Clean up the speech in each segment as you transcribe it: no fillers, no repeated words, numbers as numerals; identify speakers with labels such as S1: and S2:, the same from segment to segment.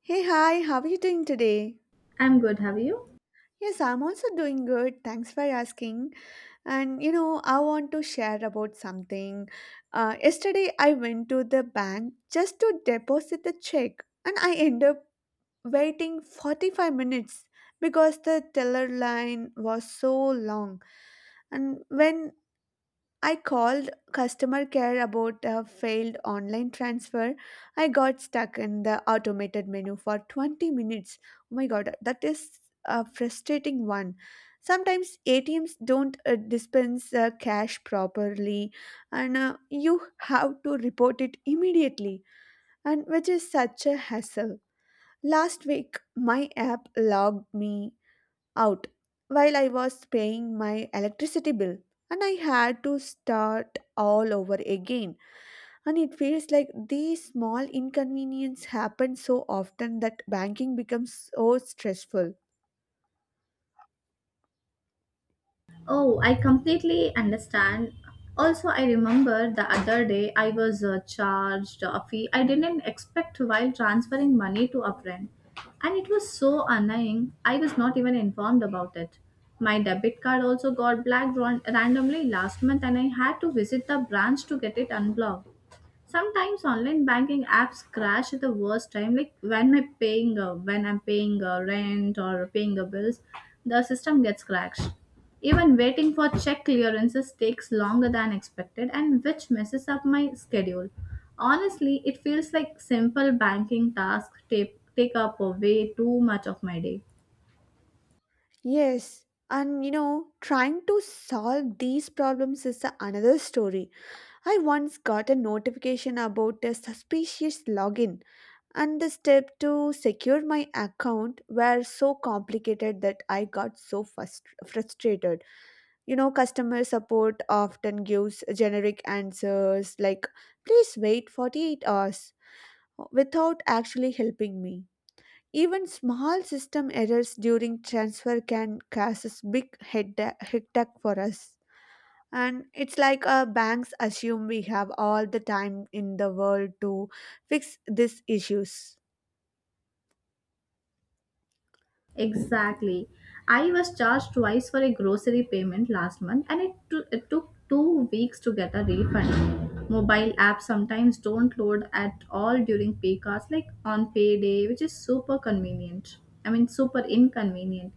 S1: Hey, hi, how are you doing today?
S2: I'm good, have you?
S1: Yes, I'm also doing good. Thanks for asking. And you know, I want to share about something. Yesterday, I went to the bank just to deposit the check, and I end up waiting 45 minutes because the teller line was so long. And when I called customer care about a failed online transfer, I got stuck in the automated menu for 20 minutes. Oh my god, that is a frustrating one. Sometimes ATMs don't dispense cash properly, and you have to report it immediately, and which is such a hassle. Last week, my app logged me out while I was paying my electricity bill, and I had to start all over again, and it feels like these small inconveniences happen so often that banking becomes so stressful.
S2: Oh, I completely understand. Also, I remember the other day I was charged a fee I didn't expect while transferring money to a friend. And it was so annoying, I was not even informed about it. My debit card also got randomly last month, and I had to visit the branch to get it unblocked. Sometimes online banking apps crash at the worst time, like when I'm paying rent or paying bills, the system gets crashed. Even waiting for check clearances takes longer than expected, and which messes up my schedule. Honestly, it feels like simple banking tasks take up way too much of my day.
S1: Yes, and you know, trying to solve these problems is another story. I once got a notification about a suspicious login, and the steps to secure my account were so complicated that I got so frustrated. You know, customer support often gives generic answers like, please wait 48 hours, without actually helping me. Even small system errors during transfer can cause big head hectic for us. And it's like banks assume we have all the time in the world to fix these issues.
S2: Exactly. I was charged twice for a grocery payment last month and it took 2 weeks to get a refund. Mobile apps sometimes don't load at all during pay hours, like on payday, which is super convenient. I mean, super inconvenient.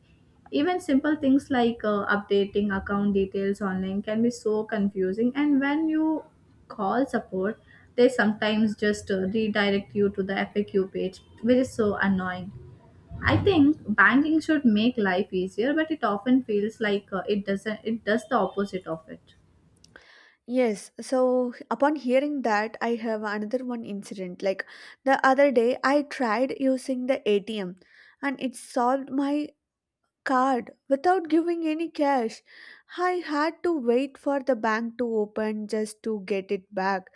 S2: Even simple things like updating account details online can be so confusing, and when you call support, they sometimes just redirect you to the FAQ page, which is so annoying. I think banking should make life easier, but it often feels like it doesn't. It does the opposite of it.
S1: Yes, so upon hearing that, I have another one incident. Like the other day, I tried using the ATM and it solved my card without giving any cash. I had to wait for the bank to open just to get it back,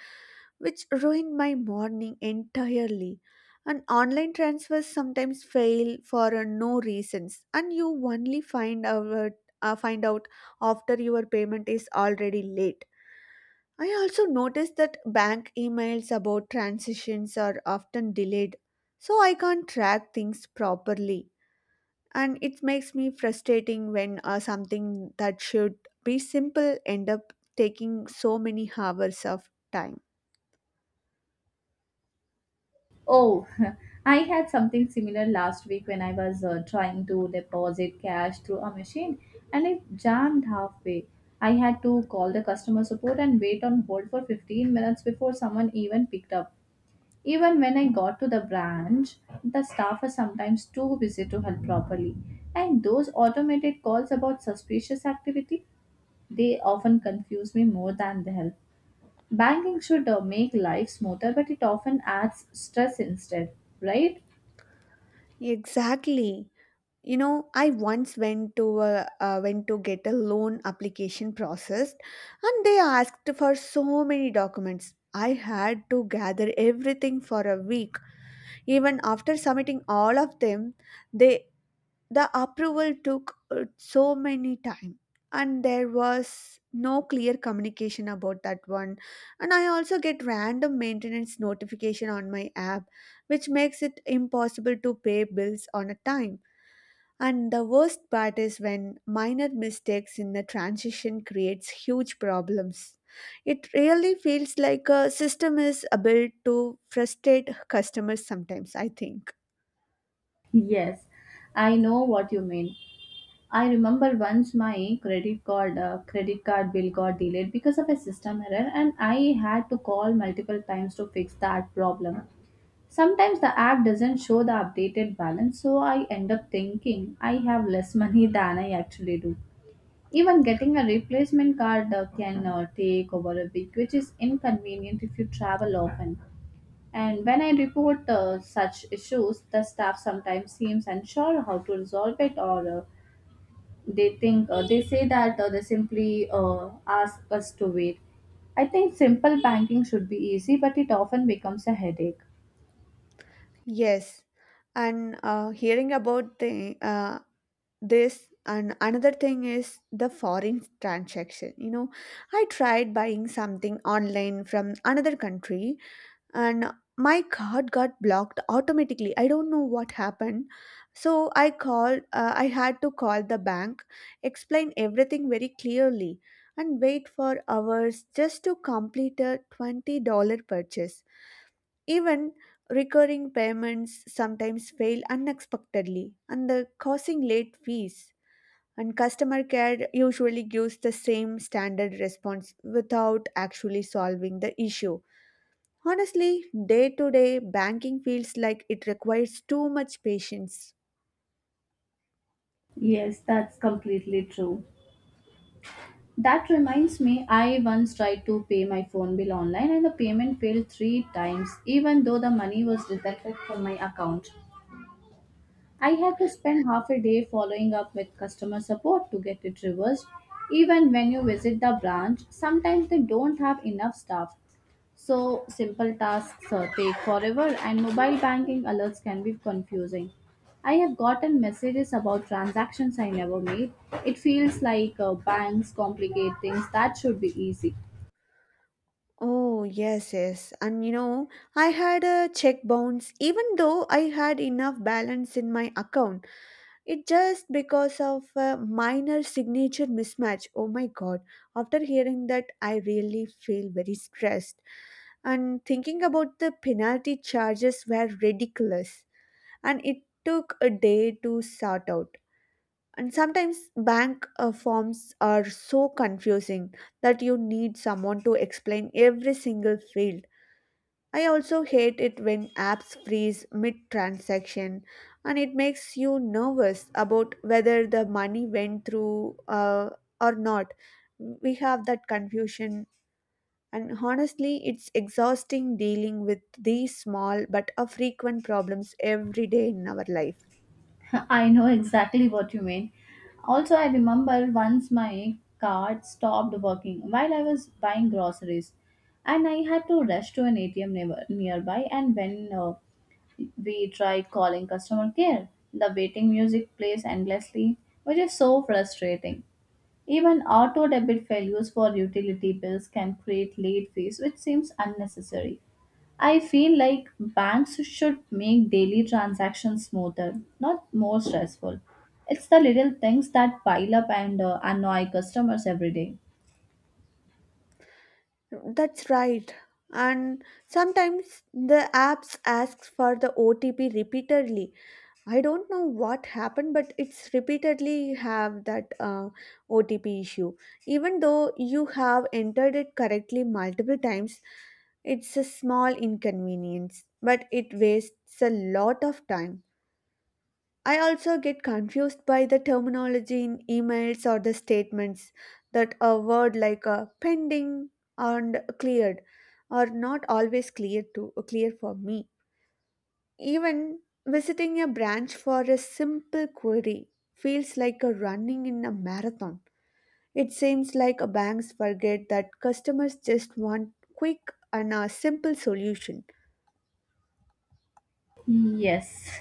S1: which ruined my morning entirely. And online transfers sometimes fail for no reasons, and you only find out after your payment is already late. I also noticed that bank emails about transitions are often delayed, so I can't track things properly. And it makes me frustrating when something that should be simple end up taking so many hours of time.
S2: Oh, I had something similar last week when I was trying to deposit cash through a machine and it jammed halfway. I had to call the customer support and wait on hold for 15 minutes before someone even picked up. Even when I got to the branch, the staff was sometimes too busy to help properly. And those automated calls about suspicious activity, they often confuse me more than they help. Banking should make life smoother, but it often adds stress instead, right?
S1: Exactly. You know, I once went to get a loan application processed, and they asked for so many documents. I had to gather everything for a week. Even after submitting all of them, they the approval took so many time, and there was no clear communication about that one. And I also get random maintenance notification on my app, which makes it impossible to pay bills on a time. And the worst part is when minor mistakes in the transition creates huge problems. It really feels like a system is built to frustrate customers sometimes, I think.
S2: Yes, I know what you mean. I remember once my credit card bill got delayed because of a system error and I had to call multiple times to fix that problem. Sometimes the app doesn't show the updated balance so I end up thinking I have less money than I actually do. Even getting a replacement card can take over a week, which is inconvenient if you travel often. And when I report such issues, the staff sometimes seems unsure how to resolve it, or they say that they simply ask us to wait. I think simple banking should be easy, but it often becomes a headache.
S1: Yes, and hearing about the this and another thing is the foreign transaction. You know, I tried buying something online from another country, and my card got blocked automatically. I don't know what happened. So I called. I had to call the bank, explain everything very clearly, and wait for hours just to complete a $20 purchase. Even recurring payments sometimes fail unexpectedly and the causing late fees, and customer care usually gives the same standard response without actually solving the issue. Honestly, day to day banking feels like it requires too much patience.
S2: Yes, that's completely true. That reminds me, I once tried to pay my phone bill online and the payment failed three times, even though the money was deducted from my account. I had to spend half a day following up with customer support to get it reversed. Even when you visit the branch, sometimes they don't have enough staff. So, simple tasks take forever, and mobile banking alerts can be confusing. I have gotten messages about transactions I never made. It feels like banks complicate things that should be easy.
S1: Oh, yes, yes. And you know, I had a check bounce even though I had enough balance in my account. It just because of a minor signature mismatch. Oh my god. After hearing that, I really feel very stressed. And thinking about the penalty charges were ridiculous. And it took a day to sort out. And sometimes bank forms are so confusing that you need someone to explain every single field. I also hate it when apps freeze mid transaction, and it makes you nervous about whether the money went through or not. We have that confusion, and honestly, it's exhausting dealing with these small but a frequent problems every day in our life.
S2: I know exactly what you mean. Also, I remember once my card stopped working while I was buying groceries, and I had to rush to an ATM nearby. And when we tried calling customer care, the waiting music plays endlessly, which is so frustrating. Even auto debit failures for utility bills can create late fees, which seems unnecessary. I feel like banks should make daily transactions smoother, not more stressful. It's the little things that pile up and annoy customers every day.
S1: That's right. And sometimes the apps asks for the OTP repeatedly. I don't know what happened, but it's repeatedly have that OTP issue. Even though you have entered it correctly multiple times, it's a small inconvenience, but it wastes a lot of time. I also get confused by the terminology in emails or the statements that a word like pending and cleared are not always clear to clear for me. Even visiting a branch for a simple query feels like a running in a marathon. It seems like banks forget that customers just want quick and a simple solution.
S2: Yes.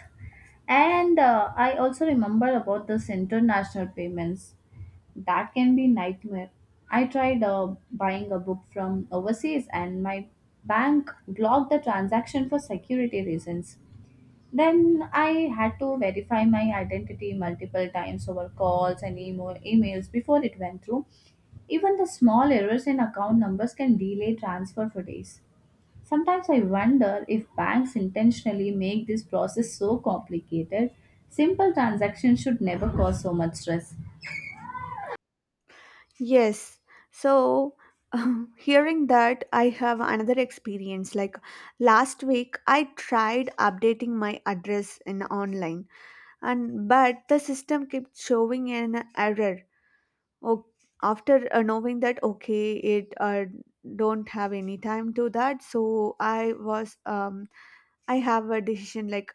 S2: And I also remember about this international payments. That can be nightmare. I tried buying a book from overseas and my bank blocked the transaction for security reasons. Then I had to verify my identity multiple times over calls and emails before it went through. Even the small errors in account numbers can delay transfer for days. Sometimes I wonder if banks intentionally make this process so complicated. Simple transactions should never cause so much stress.
S1: Yes. So, hearing that, I have another experience. Like last week, I tried updating my address in online, and but the system kept showing an error. Oh, after knowing that, okay, it don't have any time to that, so I have a decision like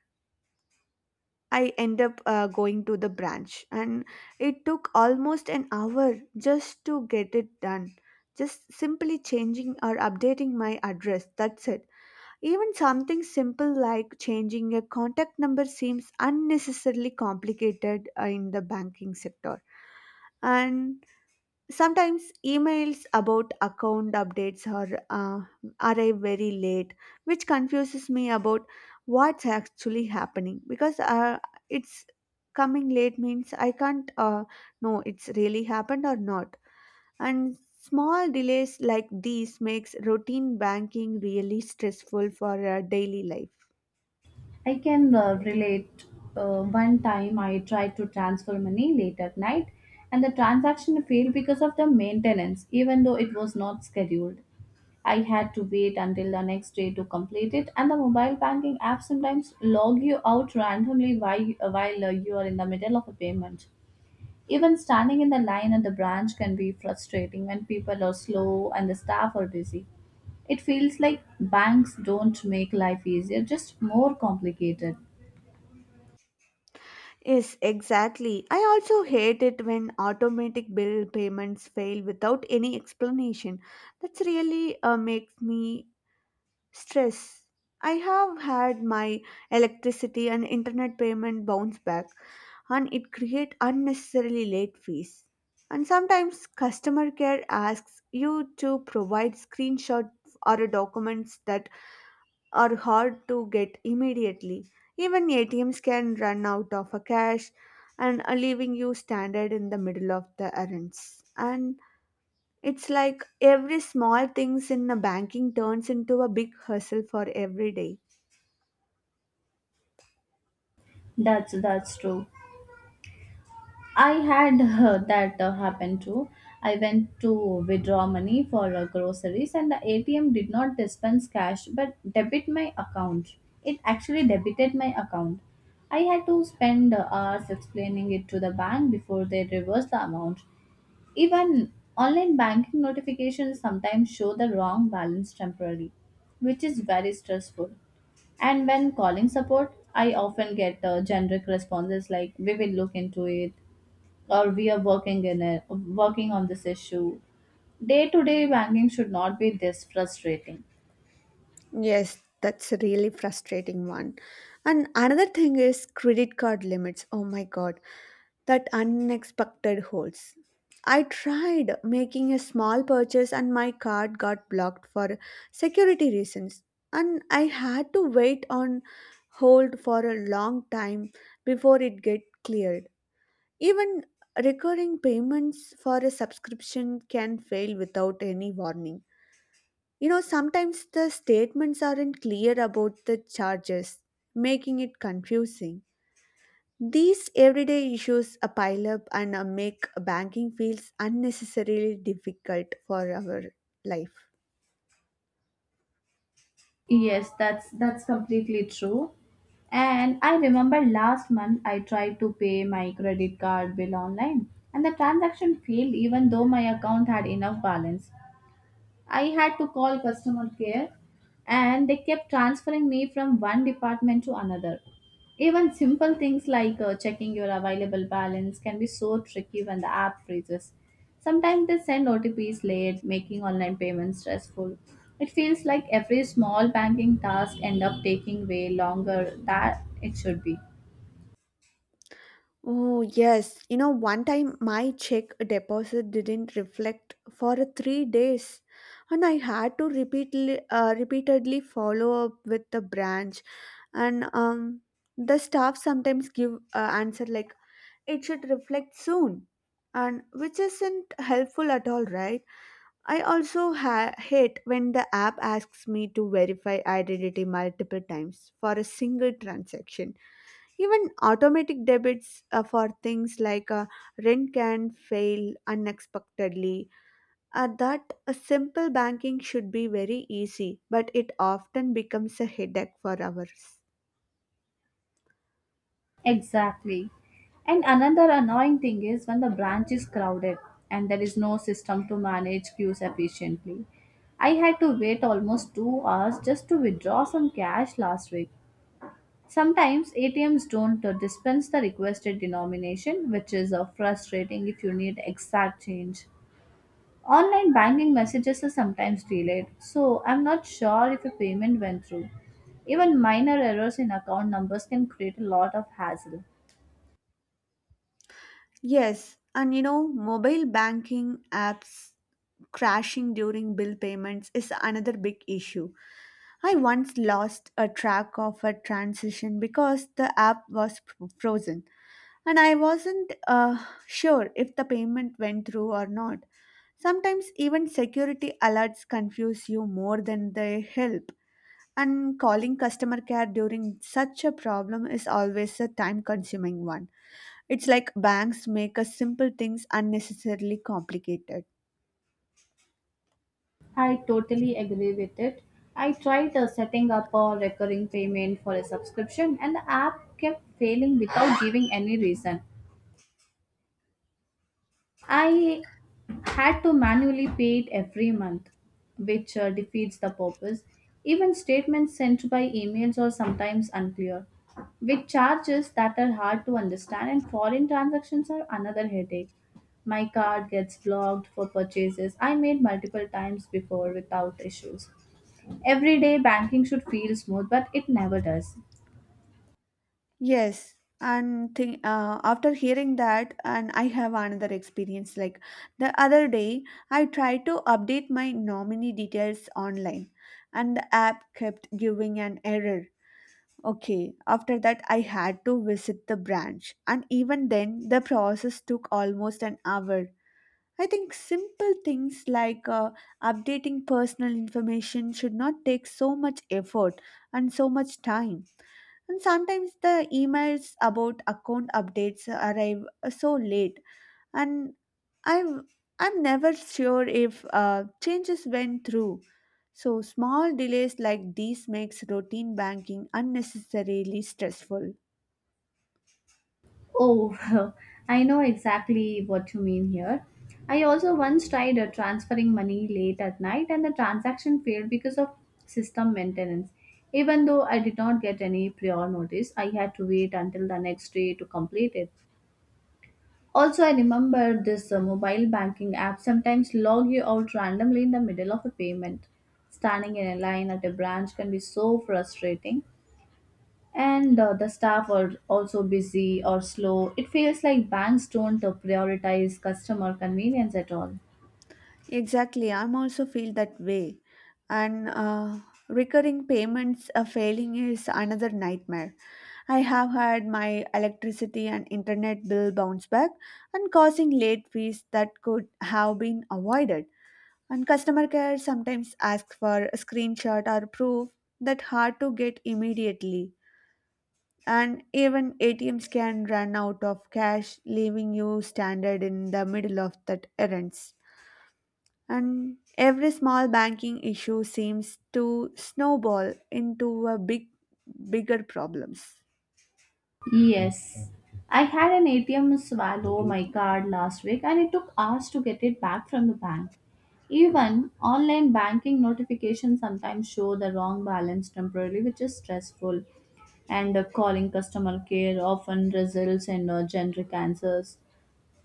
S1: I end up going to the branch, and it took almost an hour just to get it done. Just simply changing or updating my address, that's it. Even something simple like changing a contact number seems unnecessarily complicated in the banking sector. And sometimes emails about account updates are arrive very late, which confuses me about what's actually happening because it's coming late means I can't know it's really happened or not. And small delays like these makes routine banking really stressful for daily life.
S2: I can relate. One time I tried to transfer money late at night and the transaction failed because of the maintenance, even though it was not scheduled. I had to wait until the next day to complete it, and the mobile banking app sometimes log you out randomly while you are in the middle of a payment. Even standing in the line at the branch can be frustrating when people are slow and the staff are busy. It feels like banks don't make life easier, just more complicated.
S1: Yes, exactly. I also hate it when automatic bill payments fail without any explanation. That's really makes me stress. I have had my electricity and internet payment bounce back, and it create unnecessarily late fees. And sometimes customer care asks you to provide screenshot or documents that are hard to get immediately. Even ATMs can run out of a cash and are leaving you standard in the middle of the errands. And it's like every small things in the banking turns into a big hustle for every day.
S2: That's true. I had that happen too. I went to withdraw money for groceries and the ATM did not dispense cash but debit my account. It actually debited my account. I had to spend hours explaining it to the bank before they reversed the amount. Even online banking notifications sometimes show the wrong balance temporarily, which is very stressful. And when calling support, I often get generic responses like "We will look into it" or "We are working in it, working on this issue." Day-to-day banking should not be this frustrating.
S1: Yes, that's a really frustrating one. And another thing is credit card limits. Oh my god, that unexpected holds. I tried making a small purchase and my card got blocked for security reasons, and I had to wait on hold for a long time before it get cleared. Even recurring payments for a subscription can fail without any warning. You know, sometimes the statements aren't clear about the charges, making it confusing. These everyday issues pile up and make banking feels unnecessarily difficult for our life.
S2: Yes, that's completely true. And I remember last month I tried to pay my credit card bill online and the transaction failed even though my account had enough balance. I had to call customer care and they kept transferring me from one department to another. Even simple things like checking your available balance can be so tricky when the app freezes. Sometimes they send OTPs late, making online payments stressful. It feels like every small banking task end up taking way longer than it should be.
S1: Oh, yes. You know, one time my check deposit didn't reflect for 3 days, and I had to repeatedly follow up with the branch. And the staff sometimes give answer like, it should reflect soon, and which isn't helpful at all, right? I also hate when the app asks me to verify identity multiple times for a single transaction. Even automatic debits for things like rent can fail unexpectedly. That a simple banking should be very easy, but it often becomes a headache for ours.
S2: Exactly. And another annoying thing is when the branch is crowded and there is no system to manage queues efficiently. I had to wait almost 2 hours just to withdraw some cash last week. Sometimes ATMs don't dispense the requested denomination, which is frustrating if you need exact change. Online banking messages are sometimes delayed, so I'm not sure if a payment went through. Even minor errors in account numbers can create a lot of hassle.
S1: Yes, and you know, mobile banking apps crashing during bill payments is another big issue. I once lost a track of a transition because the app was frozen, and I wasn't sure if the payment went through or not. Sometimes even security alerts confuse you more than they help. And calling customer care during such a problem is always a time consuming one. It's like banks make us simple things unnecessarily complicated.
S2: I totally agree with it. I tried setting up a recurring payment for a subscription, and the app kept failing without giving any reason. I had to manually pay it every month, which defeats the purpose. Even statements sent by emails are sometimes unclear, with charges that are hard to understand, and foreign transactions are another headache. My card gets blocked for purchases I made multiple times before without issues. Everyday banking should feel smooth, but it never does.
S1: Yes, and think, after hearing that, and I have another experience. Like the other day, I tried to update my nominee details online, and the app kept giving an error. Okay, after that, I had to visit the branch, and even then, the process took almost an hour. I think simple things like updating personal information should not take so much effort and so much time. And sometimes the emails about account updates arrive so late, and I'm I'm never sure if changes went through. So small delays like these makes routine banking unnecessarily stressful.
S2: Oh, I know exactly what you mean here. I also once tried transferring money late at night and the transaction failed because of system maintenance. Even though I did not get any prior notice, I had to wait until the next day to complete it. Also, I remember this mobile banking app sometimes log you out randomly in the middle of a payment. Standing in a line at a branch can be so frustrating, and the staff are also busy or slow. It feels like banks don't prioritize customer convenience at all.
S1: Exactly, I'm also feel that way. And recurring payments failing is another nightmare. I have had my electricity and internet bill bounce back and causing late fees that could have been avoided. And customer care sometimes asks for a screenshot or proof that hard to get immediately. And even ATMs can run out of cash, leaving you stranded in the middle of that errands. And every small banking issue seems to snowball into a bigger problems.
S2: Yes. I had an ATM swallow my card last week and it took hours to get it back from the bank. Even online banking notifications sometimes show the wrong balance temporarily, which is stressful. And calling customer care often results in generic answers.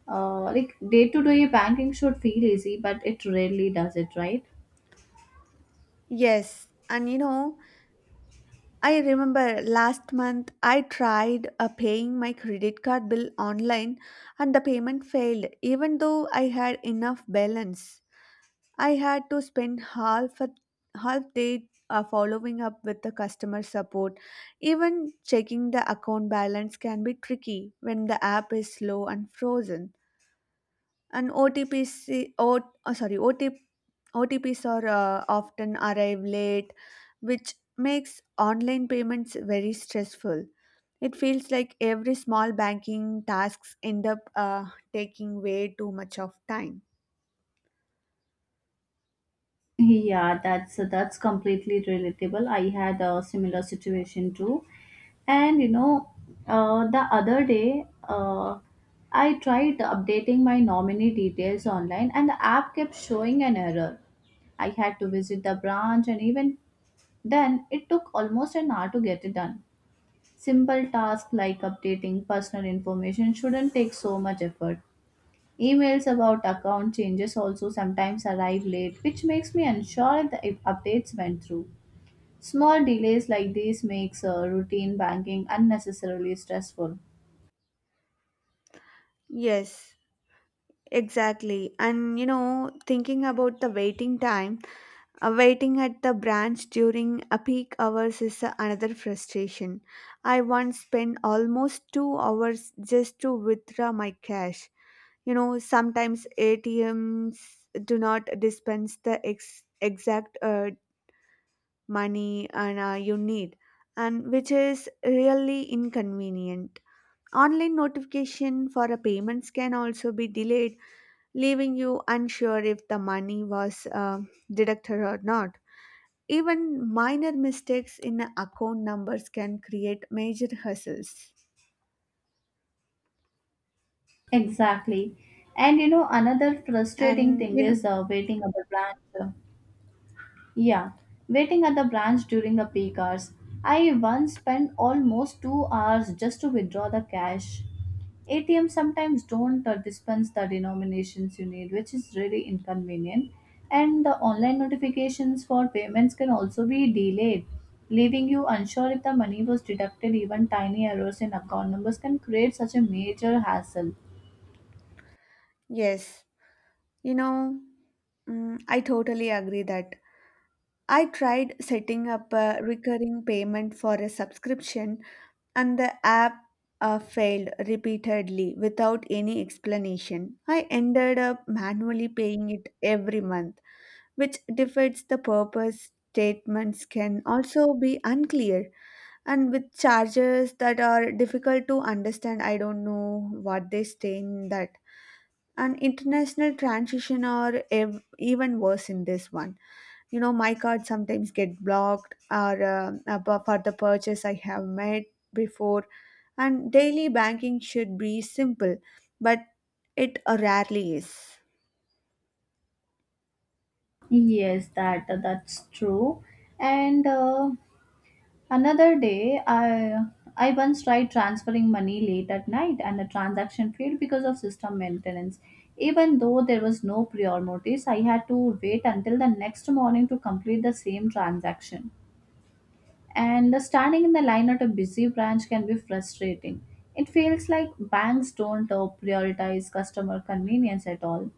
S2: Like day to day banking should feel easy, but it rarely does it, right?
S1: Yes, and you know, I remember last month I tried paying my credit card bill online, and the payment failed even though I had enough balance. I had to spend half day following up with the customer support. Even checking the account balance can be tricky when the app is slow and frozen. And OTPC, o, oh, sorry, OTP, OTPs are often arrive late, which makes online payments very stressful. It feels like every small banking tasks end up taking way too much of time.
S2: Yeah, that's completely relatable. I had a similar situation too. And you know, the other day, I tried updating my nominee details online, and the app kept showing an error. I had to visit the branch, and even then, it took almost an hour to get it done. Simple tasks like updating personal information shouldn't take so much effort. Emails about account changes also sometimes arrive late, which makes me unsure if the updates went through. Small delays like these makes routine banking unnecessarily stressful.
S1: Yes, exactly. And you know, thinking about the waiting time. Waiting at the branch during a peak hours is another frustration. I once spent almost 2 hours just to withdraw my cash. You know, sometimes ATMs do not dispense the exact money and you need, and which is really inconvenient. Online notification for a payments can also be delayed, leaving you unsure if the money was deducted or not, even minor mistakes in account numbers can create major hassles.
S2: Exactly. And you know another frustrating
S1: And
S2: thing
S1: you know,
S2: is waiting at the branch. Yeah, waiting at the branch during the peak hours. I once spent almost 2 hours just to withdraw the cash. ATM sometimes don't dispense the denominations you need, which is really inconvenient. And the online notifications for payments can also be delayed, leaving you unsure if the money was deducted. Even tiny errors in account numbers can create such a major hassle.
S1: yes, you know, I totally agree that. I tried setting up a recurring payment for a subscription, and the app failed repeatedly without any explanation. I ended up manually paying it every month, which defeats the purpose. Statements can also be unclear and with charges that are difficult to understand, I don't know what they stay in that. And international transition are even worse in this one. You know, my card sometimes get blocked or for the purchase I have made before. And daily banking should be simple, but it rarely is.
S2: Yes, that's true. And another day, I once tried transferring money late at night and the transaction failed because of system maintenance. Even though there was no prior notice, I had to wait until the next morning to complete the same transaction. And the standing in the line at a busy branch can be frustrating. It feels like banks don't prioritize customer convenience at all.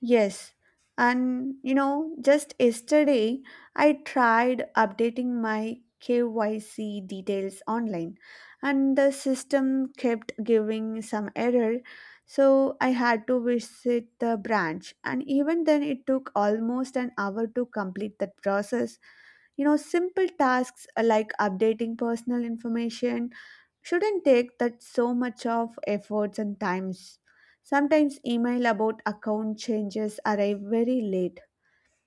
S1: Yes, and you know, just yesterday I tried updating my KYC details online, and the system kept giving some error, so I had to visit the branch, and even then, it took almost an hour to complete that process. You know, simple tasks like updating personal information shouldn't take that so much of efforts and times. Sometimes email about account changes arrive very late,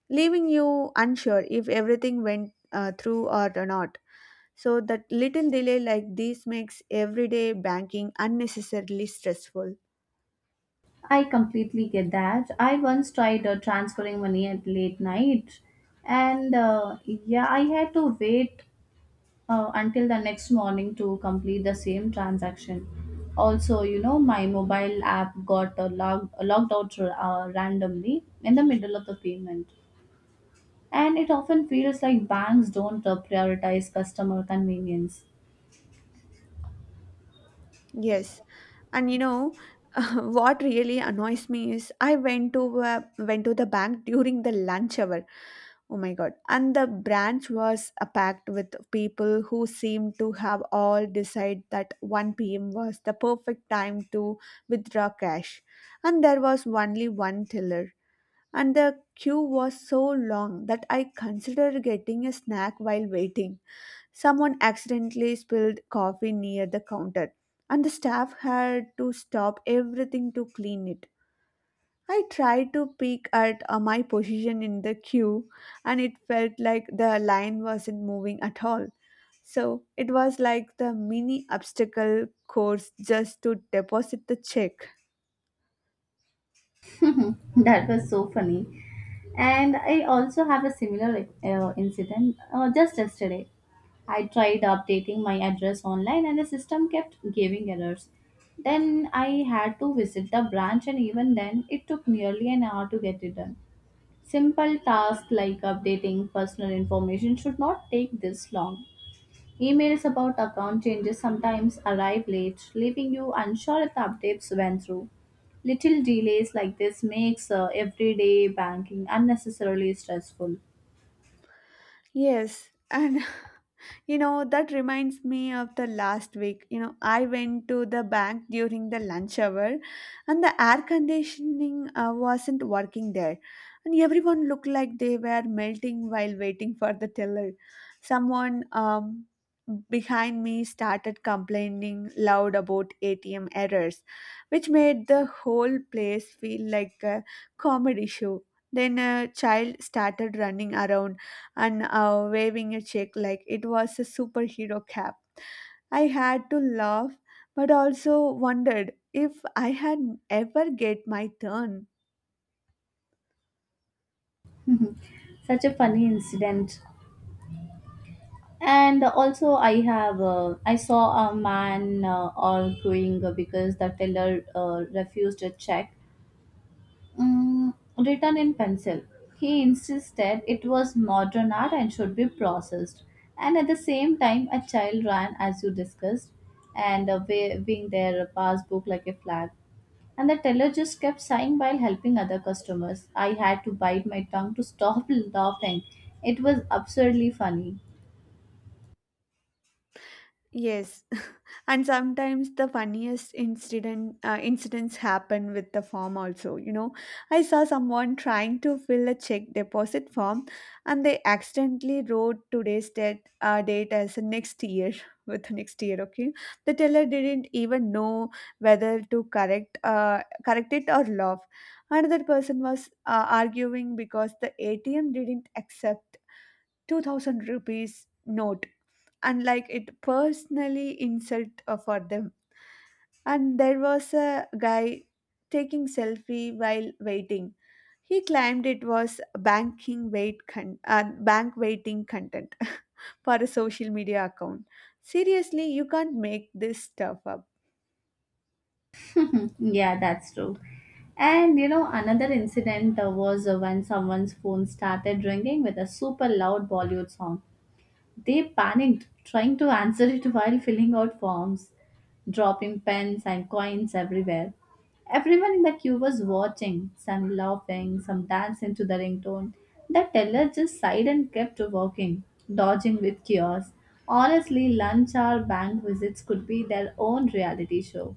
S1: leaving you unsure if everything went through or not. So that little delay like this makes everyday banking unnecessarily stressful.
S2: I completely get that. I once tried transferring money at late night, and yeah, I had to wait until the next morning to complete the same transaction. Also, you know, my mobile app got logged out randomly in the middle of the payment, and it often feels like banks don't prioritize customer convenience.
S1: Yes. And you know, what really annoys me is I went to the bank during the lunch hour. Oh my God. And the branch was packed with people who seemed to have all decided that 1 p.m. was the perfect time to withdraw cash. And there was only one tiller. And the queue was so long that I considered getting a snack while waiting. Someone accidentally spilled coffee near the counter, and the staff had to stop everything to clean it. I tried to peek at my position in the queue, and it felt like the line wasn't moving at all. So it was like the mini obstacle course just to deposit the check.
S2: That was so funny. And I also have a similar like, incident just yesterday. I tried updating my address online and the system kept giving errors. Then I had to visit the branch, and even then, it took nearly an hour to get it done. Simple tasks like updating personal information should not take this long. Emails about account changes sometimes arrive late, leaving you unsure if the updates went through. Little delays like this makes everyday banking unnecessarily stressful.
S1: Yes, and you know, that reminds me of the last week. You know, I went to the bank during the lunch hour and the air conditioning wasn't working there. And everyone looked like they were melting while waiting for the teller. Someone behind me started complaining loud about ATM errors, which made the whole place feel like a comedy show. Then a child started running around and waving a check like it was a superhero cap. I had to laugh, but also wondered if I had ever get my turn.
S2: Such a funny incident. And also, I have I saw a man arguing because the teller refused a check, written in pencil. He insisted it was modern art and should be processed. And at the same time, a child ran, as you discussed, and waving their passbook like a flag. And the teller just kept sighing while helping other customers. I had to bite my tongue to stop laughing. It was absurdly funny.
S1: Yes, and sometimes the funniest incidents happen with the form also. You know, I saw someone trying to fill a check deposit form and they accidentally wrote today's date as next year with next year. Okay, the teller didn't even know whether to correct it or laugh. Another person was arguing because the ATM didn't accept 2000 rupees note and like it personally insult for them. And there was a guy taking selfie while waiting. He claimed it was banking bank waiting content for a social media account. Seriously, you can't make this stuff up.
S2: Yeah, that's true. And you know, another incident was when someone's phone started ringing with a super loud Bollywood song. They panicked, trying to answer it while filling out forms, dropping pens and coins everywhere. Everyone in the queue was watching, some laughing, some dancing to the ringtone. The teller just sighed and kept walking, dodging with chaos. Honestly, lunch hour bank visits could be their own reality show.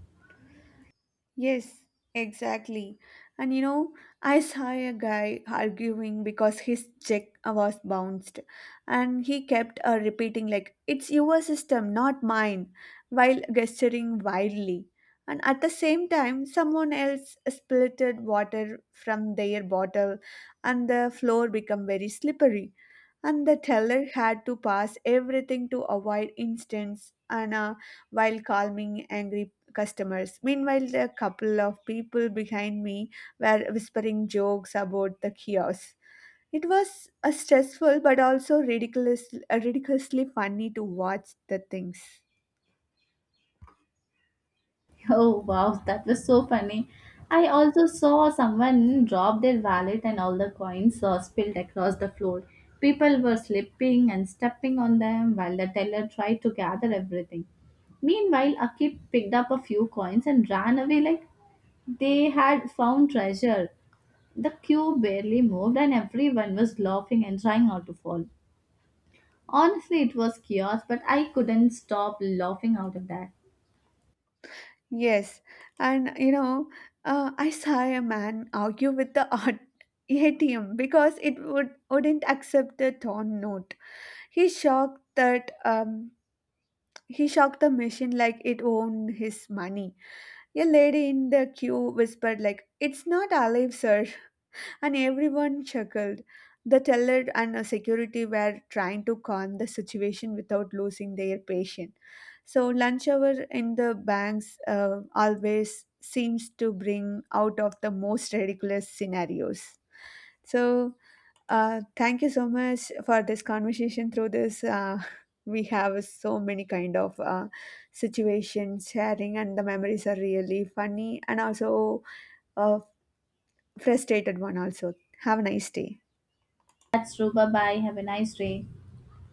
S1: Yes, exactly. And you know, I saw a guy arguing because his check was bounced, and he kept repeating like, "It's your system, not mine," while gesturing wildly. And at the same time, someone else spilted water from their bottle, and the floor became very slippery. And the teller had to pass everything to avoid incidents and while calming angry customers. Meanwhile, the couple of people behind me were whispering jokes about the chaos. It was a stressful but also ridiculously funny to watch the things.
S2: Oh wow, that was so funny. I also saw someone drop their wallet and all the coins spilled across the floor. People were slipping and stepping on them while the teller tried to gather everything. Meanwhile, Akib picked up a few coins and ran away like they had found treasure. The queue barely moved and everyone was laughing and trying not to fall. Honestly, it was chaos, but I couldn't stop laughing out of that.
S1: Yes, and you know, I saw a man argue with the art ATM because it wouldn't accept the torn note. He shocked that he shocked the machine like it owned his money. A lady in the queue whispered like, "It's not alive, sir," and everyone chuckled. The teller and a security were trying to calm the situation without losing their patience. So lunch hour in the banks always seems to bring out of the most ridiculous scenarios. So thank you so much for this conversation. Through this, we have so many kind of situations sharing, and the memories are really funny and also uh, frustrated one. Also, have a nice day.
S2: That's Ruba. Bye. Have a nice day.